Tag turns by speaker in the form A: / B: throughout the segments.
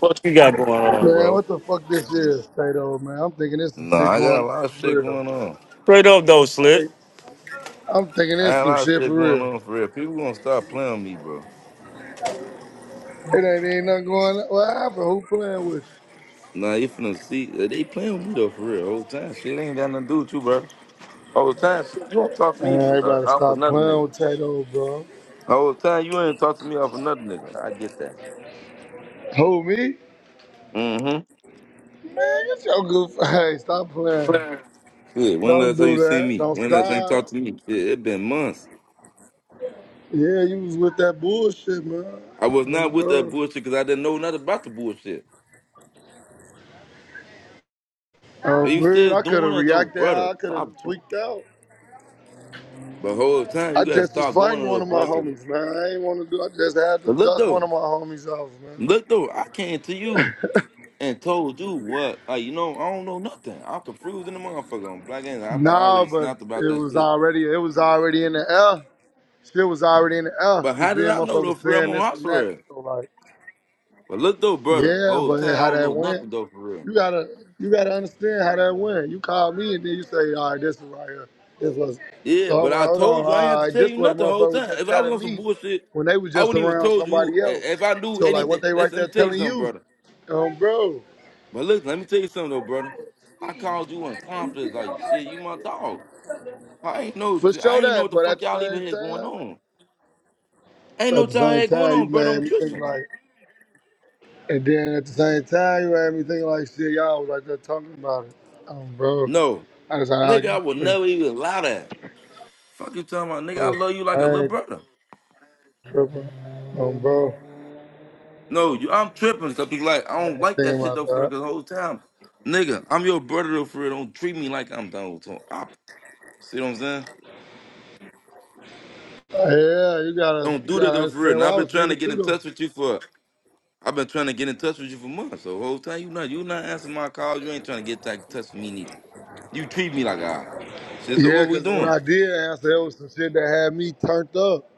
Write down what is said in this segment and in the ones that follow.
A: What you got going on,
B: Man,
A: bro?
B: what the fuck this is, Tato, man? I'm thinking there's some
C: No,
B: shit
C: I got
B: going
C: a lot of
B: on
C: shit
B: for real.
C: going on.
A: Straight up though, slit.
B: Hey, I'm thinking
C: I
B: there's
C: got a
B: some
C: lot of
B: shit for
C: shit going
B: real.
C: on for real. People gonna stop playing with me, bro.
B: It ain't, ain't nothing going on. What happened? Who playing with you?
C: Nah, you finna see. uh, They playing with me though for real. Whole time shit ain't got nothing to do with you, bro. Whole time shit, you don't talk to me
B: Man,
C: bro, uh,
B: everybody
C: off
B: stop
C: another
B: playing
C: nigga.
B: with Tato, bro.
C: Whole time you ain't talk to me off another nigga. I get that.
B: Who, me?
C: Mm-hmm.
B: Man, get your goof. Hey, stop playing.
C: Good. When
B: Don't
C: last time
B: do
C: you seen
B: that.
C: me?
B: Don't
C: When last time you talked
B: stop.
C: to me? Shit, it been months.
B: Yeah, you was with that bullshit, man.
C: I was
B: Oh,
C: not with that
B: bro.
C: bullshit because I didn't know nothing about the bullshit.
B: Oh,
C: And you
B: man,
C: still
B: I could have
C: doing it though,
B: reacted how
C: brother.
B: I could have
C: Stop. doing-
B: tweaked out.
C: But whole time you
B: I
C: gotta
B: just was
C: stop doing
B: fighting
C: it though,
B: one of my
C: brother.
B: homies, man. I ain't want to do. I just had to
C: But look
B: dust one
C: though.
B: of my homies off, man.
C: Look though, I came to you and told you what, like you know, I don't know nothing. I'm confused in the motherfucker on black and after I
B: Nah,
C: already
B: but
C: snapped about
B: it
C: that
B: was
C: shit.
B: already. It was already in the air. Shit was already in the air.
C: But
B: You
C: how did
B: feel,
C: I know
B: motherfucker
C: though
B: was
C: for real?
B: saying
C: I'm on
B: this
C: house
B: and that.
C: arrest.
B: So like,
C: But look though, brother,
B: yeah,
C: whole
B: but
C: time I
B: how
C: don't
B: that
C: know
B: went?
C: nothing though for real.
B: You gotta, you gotta understand how that went. You call me and then you say, all right, this is right here. This was.
C: Yeah,
B: So I'm
C: but
B: like,
C: I
B: hold on,
C: told you I ain't
B: all
C: have to
B: right,
C: tell
B: this
C: you
B: what the
C: nothing the whole
B: motherfucker was
C: time.
B: just
C: If I was
B: telling
C: on some
B: me
C: bullshit,
B: when they was
C: I
B: just
C: wouldn't even
B: around
C: told
B: somebody
C: you i-
B: else.
C: if I knew
B: So like, what
C: anything.
B: they
C: Let's
B: right
C: let
B: there
C: me tell you
B: telling
C: something,
B: you,
C: brother.
B: um, bro?
C: But look, let me tell you something though, brother. I called you in confidence, like shit, you my dog. I ain't know
B: For
C: I
B: sure
C: ain't know what
B: that,
C: the
B: but at
C: fuck
B: the
C: y'all even
B: same
C: had going
B: time,
C: on. Ain't no
B: at the
C: time
B: same
C: had going
B: time, you
C: on, bro.
B: made
C: I'm
B: me think
C: Christian.
B: like, and then at the same time, you made me think like, shit, y'all was like that talking about it. Um, bro,
C: No,
B: I just how I
C: nigga, I
B: got
C: would
B: to think.
C: never even lie that. Fuck you talking about, nigga. I
B: Oh,
C: love you like a
B: I
C: little
B: ain't
C: brother.
B: tripping. Um, bro,
C: No, you, I'm tripping. Cause people like, I
B: I ain't
C: don't like
B: thinking
C: that shit
B: about
C: though for real.
B: that.
C: Cause the whole time, nigga, I'm your brother though for real. Don't treat me like I'm done with I, see what I'm saying?
B: Yeah, you gotta,
C: Don't
B: you
C: do that
B: gotta
C: though for real.
B: understand
C: And
B: what
C: I've
B: I
C: been
B: was
C: trying to
B: thinking
C: get
B: too,
C: in
B: though.
C: touch with you for. I've been trying to get in touch with you for months. So the whole time you not you not answering my calls. You ain't trying to get in touch with me neither. You treat me like a Shit. So
B: Yeah,
C: what we
B: cause when
C: doing?
B: I did answer, it was some shit that had me turned up.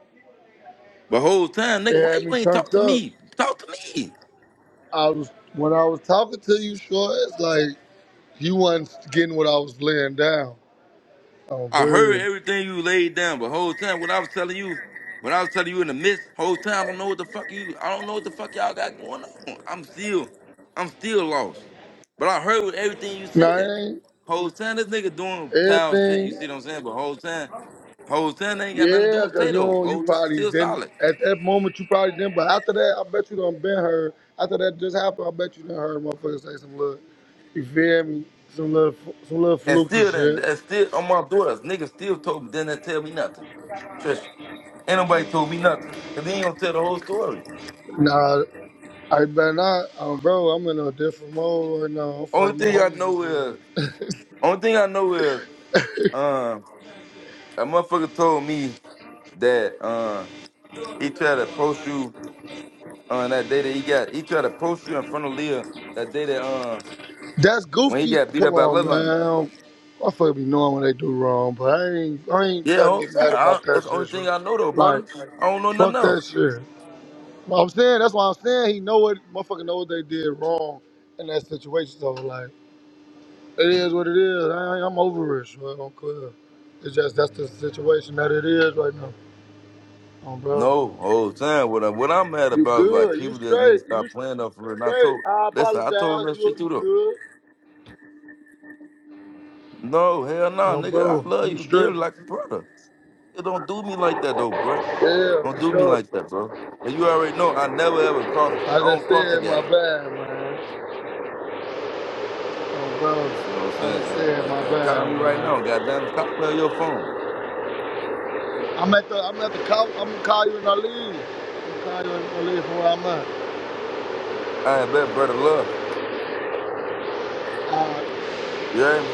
C: But whole time,
B: It
C: nigga, why
B: had me
C: you ain't talk
B: turned
C: to
B: up.
C: me? Talk to me.
B: I was when I was talking to you, sure, it's like you wasn't getting what I was laying down. Oh,
C: I heard
B: bird.
C: everything you laid down, but whole time what I was telling you, what I was telling you in the midst, whole time I don't know what the fuck you, I don't know what the fuck y'all got going on. I'm still, I'm still lost. But I heard what everything you
B: Nah,
C: said.
B: it ain't
C: Whole time this nigga doing foul shit, you
B: everything.
C: see what I'm saying? But whole time, whole time they ain't got nothing to do
B: Yeah,
C: with
B: cause you
C: Tato.
B: know you
C: Whole time
B: probably
C: still
B: didn't
C: solid.
B: at that moment you probably didn't, but after that I bet you done been heard. After that just happened, I bet you done heard motherfuckers say some little, you feel me, some little some little
C: And
B: fluky
C: still then,
B: shit.
C: that's still on my daughters. Nigga still told me, didn't that tell me nothing. Trisha, ain't nobody told me nothing. Cause they ain't gonna tell the whole story.
B: Nah, I better not, um, bro. I'm in a different mode right now. I'm
C: Only
B: fighting my
C: thing I
B: homies and
C: know is
B: shit.
C: Only thing I know is, um, a motherfucker told me that um he tried to approach you on that day that he got he tried to approach you in front of Leah that day that um
B: That's
C: when he
B: goofy.
C: got beat
B: Come
C: up by
B: on,
C: Lil on
B: man. I fuck be knowing when they do wrong, but I ain't I ain't
C: Yeah,
B: trying to
C: whole
B: get
C: time.
B: mad
C: I,
B: about that
C: that's the only
B: shit. So,
C: thing I know though,
B: like,
C: brother. I don't know nothing
B: fuck that
C: else.
B: shit. But I'm saying that's why I'm saying he know what motherfucker know what they did wrong in that situation. So like it is what it is. I, I'm over it. Bro. I don't care. It's just that's the situation that it is right now. Oh, bro.
C: No, whole time. What I, what I'm mad
B: You
C: about is like
B: good? You
C: people just need to
B: straight? You
C: stop playing up for it. And I
B: straight?
C: told
B: I
C: listen, I told him
B: apologize.
C: that
B: You
C: shit too
B: you
C: though.
B: good?
C: No, hell no,
B: Oh,
C: nigga. I
B: bro.
C: love
B: You
C: you
B: straight?
C: dearly like a brother. It don't do me like that though, bro.
B: Yeah,
C: Don't
B: for
C: do me
B: sure.
C: like that, bro. But you already know I never ever cross.
B: I
C: I don't
B: just
C: cross the
B: said my
C: guys.
B: bad, man. Oh,
C: You see what I'm
B: bro. I
C: saying?
B: just
C: Hey,
B: said my
C: hey, hey,
B: bad,
C: call me right now,
B: man.
C: goddamn. it. Call me on your phone.
B: I'm at the I'm at the call. I'm gonna call you when I leave. I'm gonna call you when I leave from where I'm at.
C: Hey, I bet, brother. Love.
B: Uh,
C: Yeah.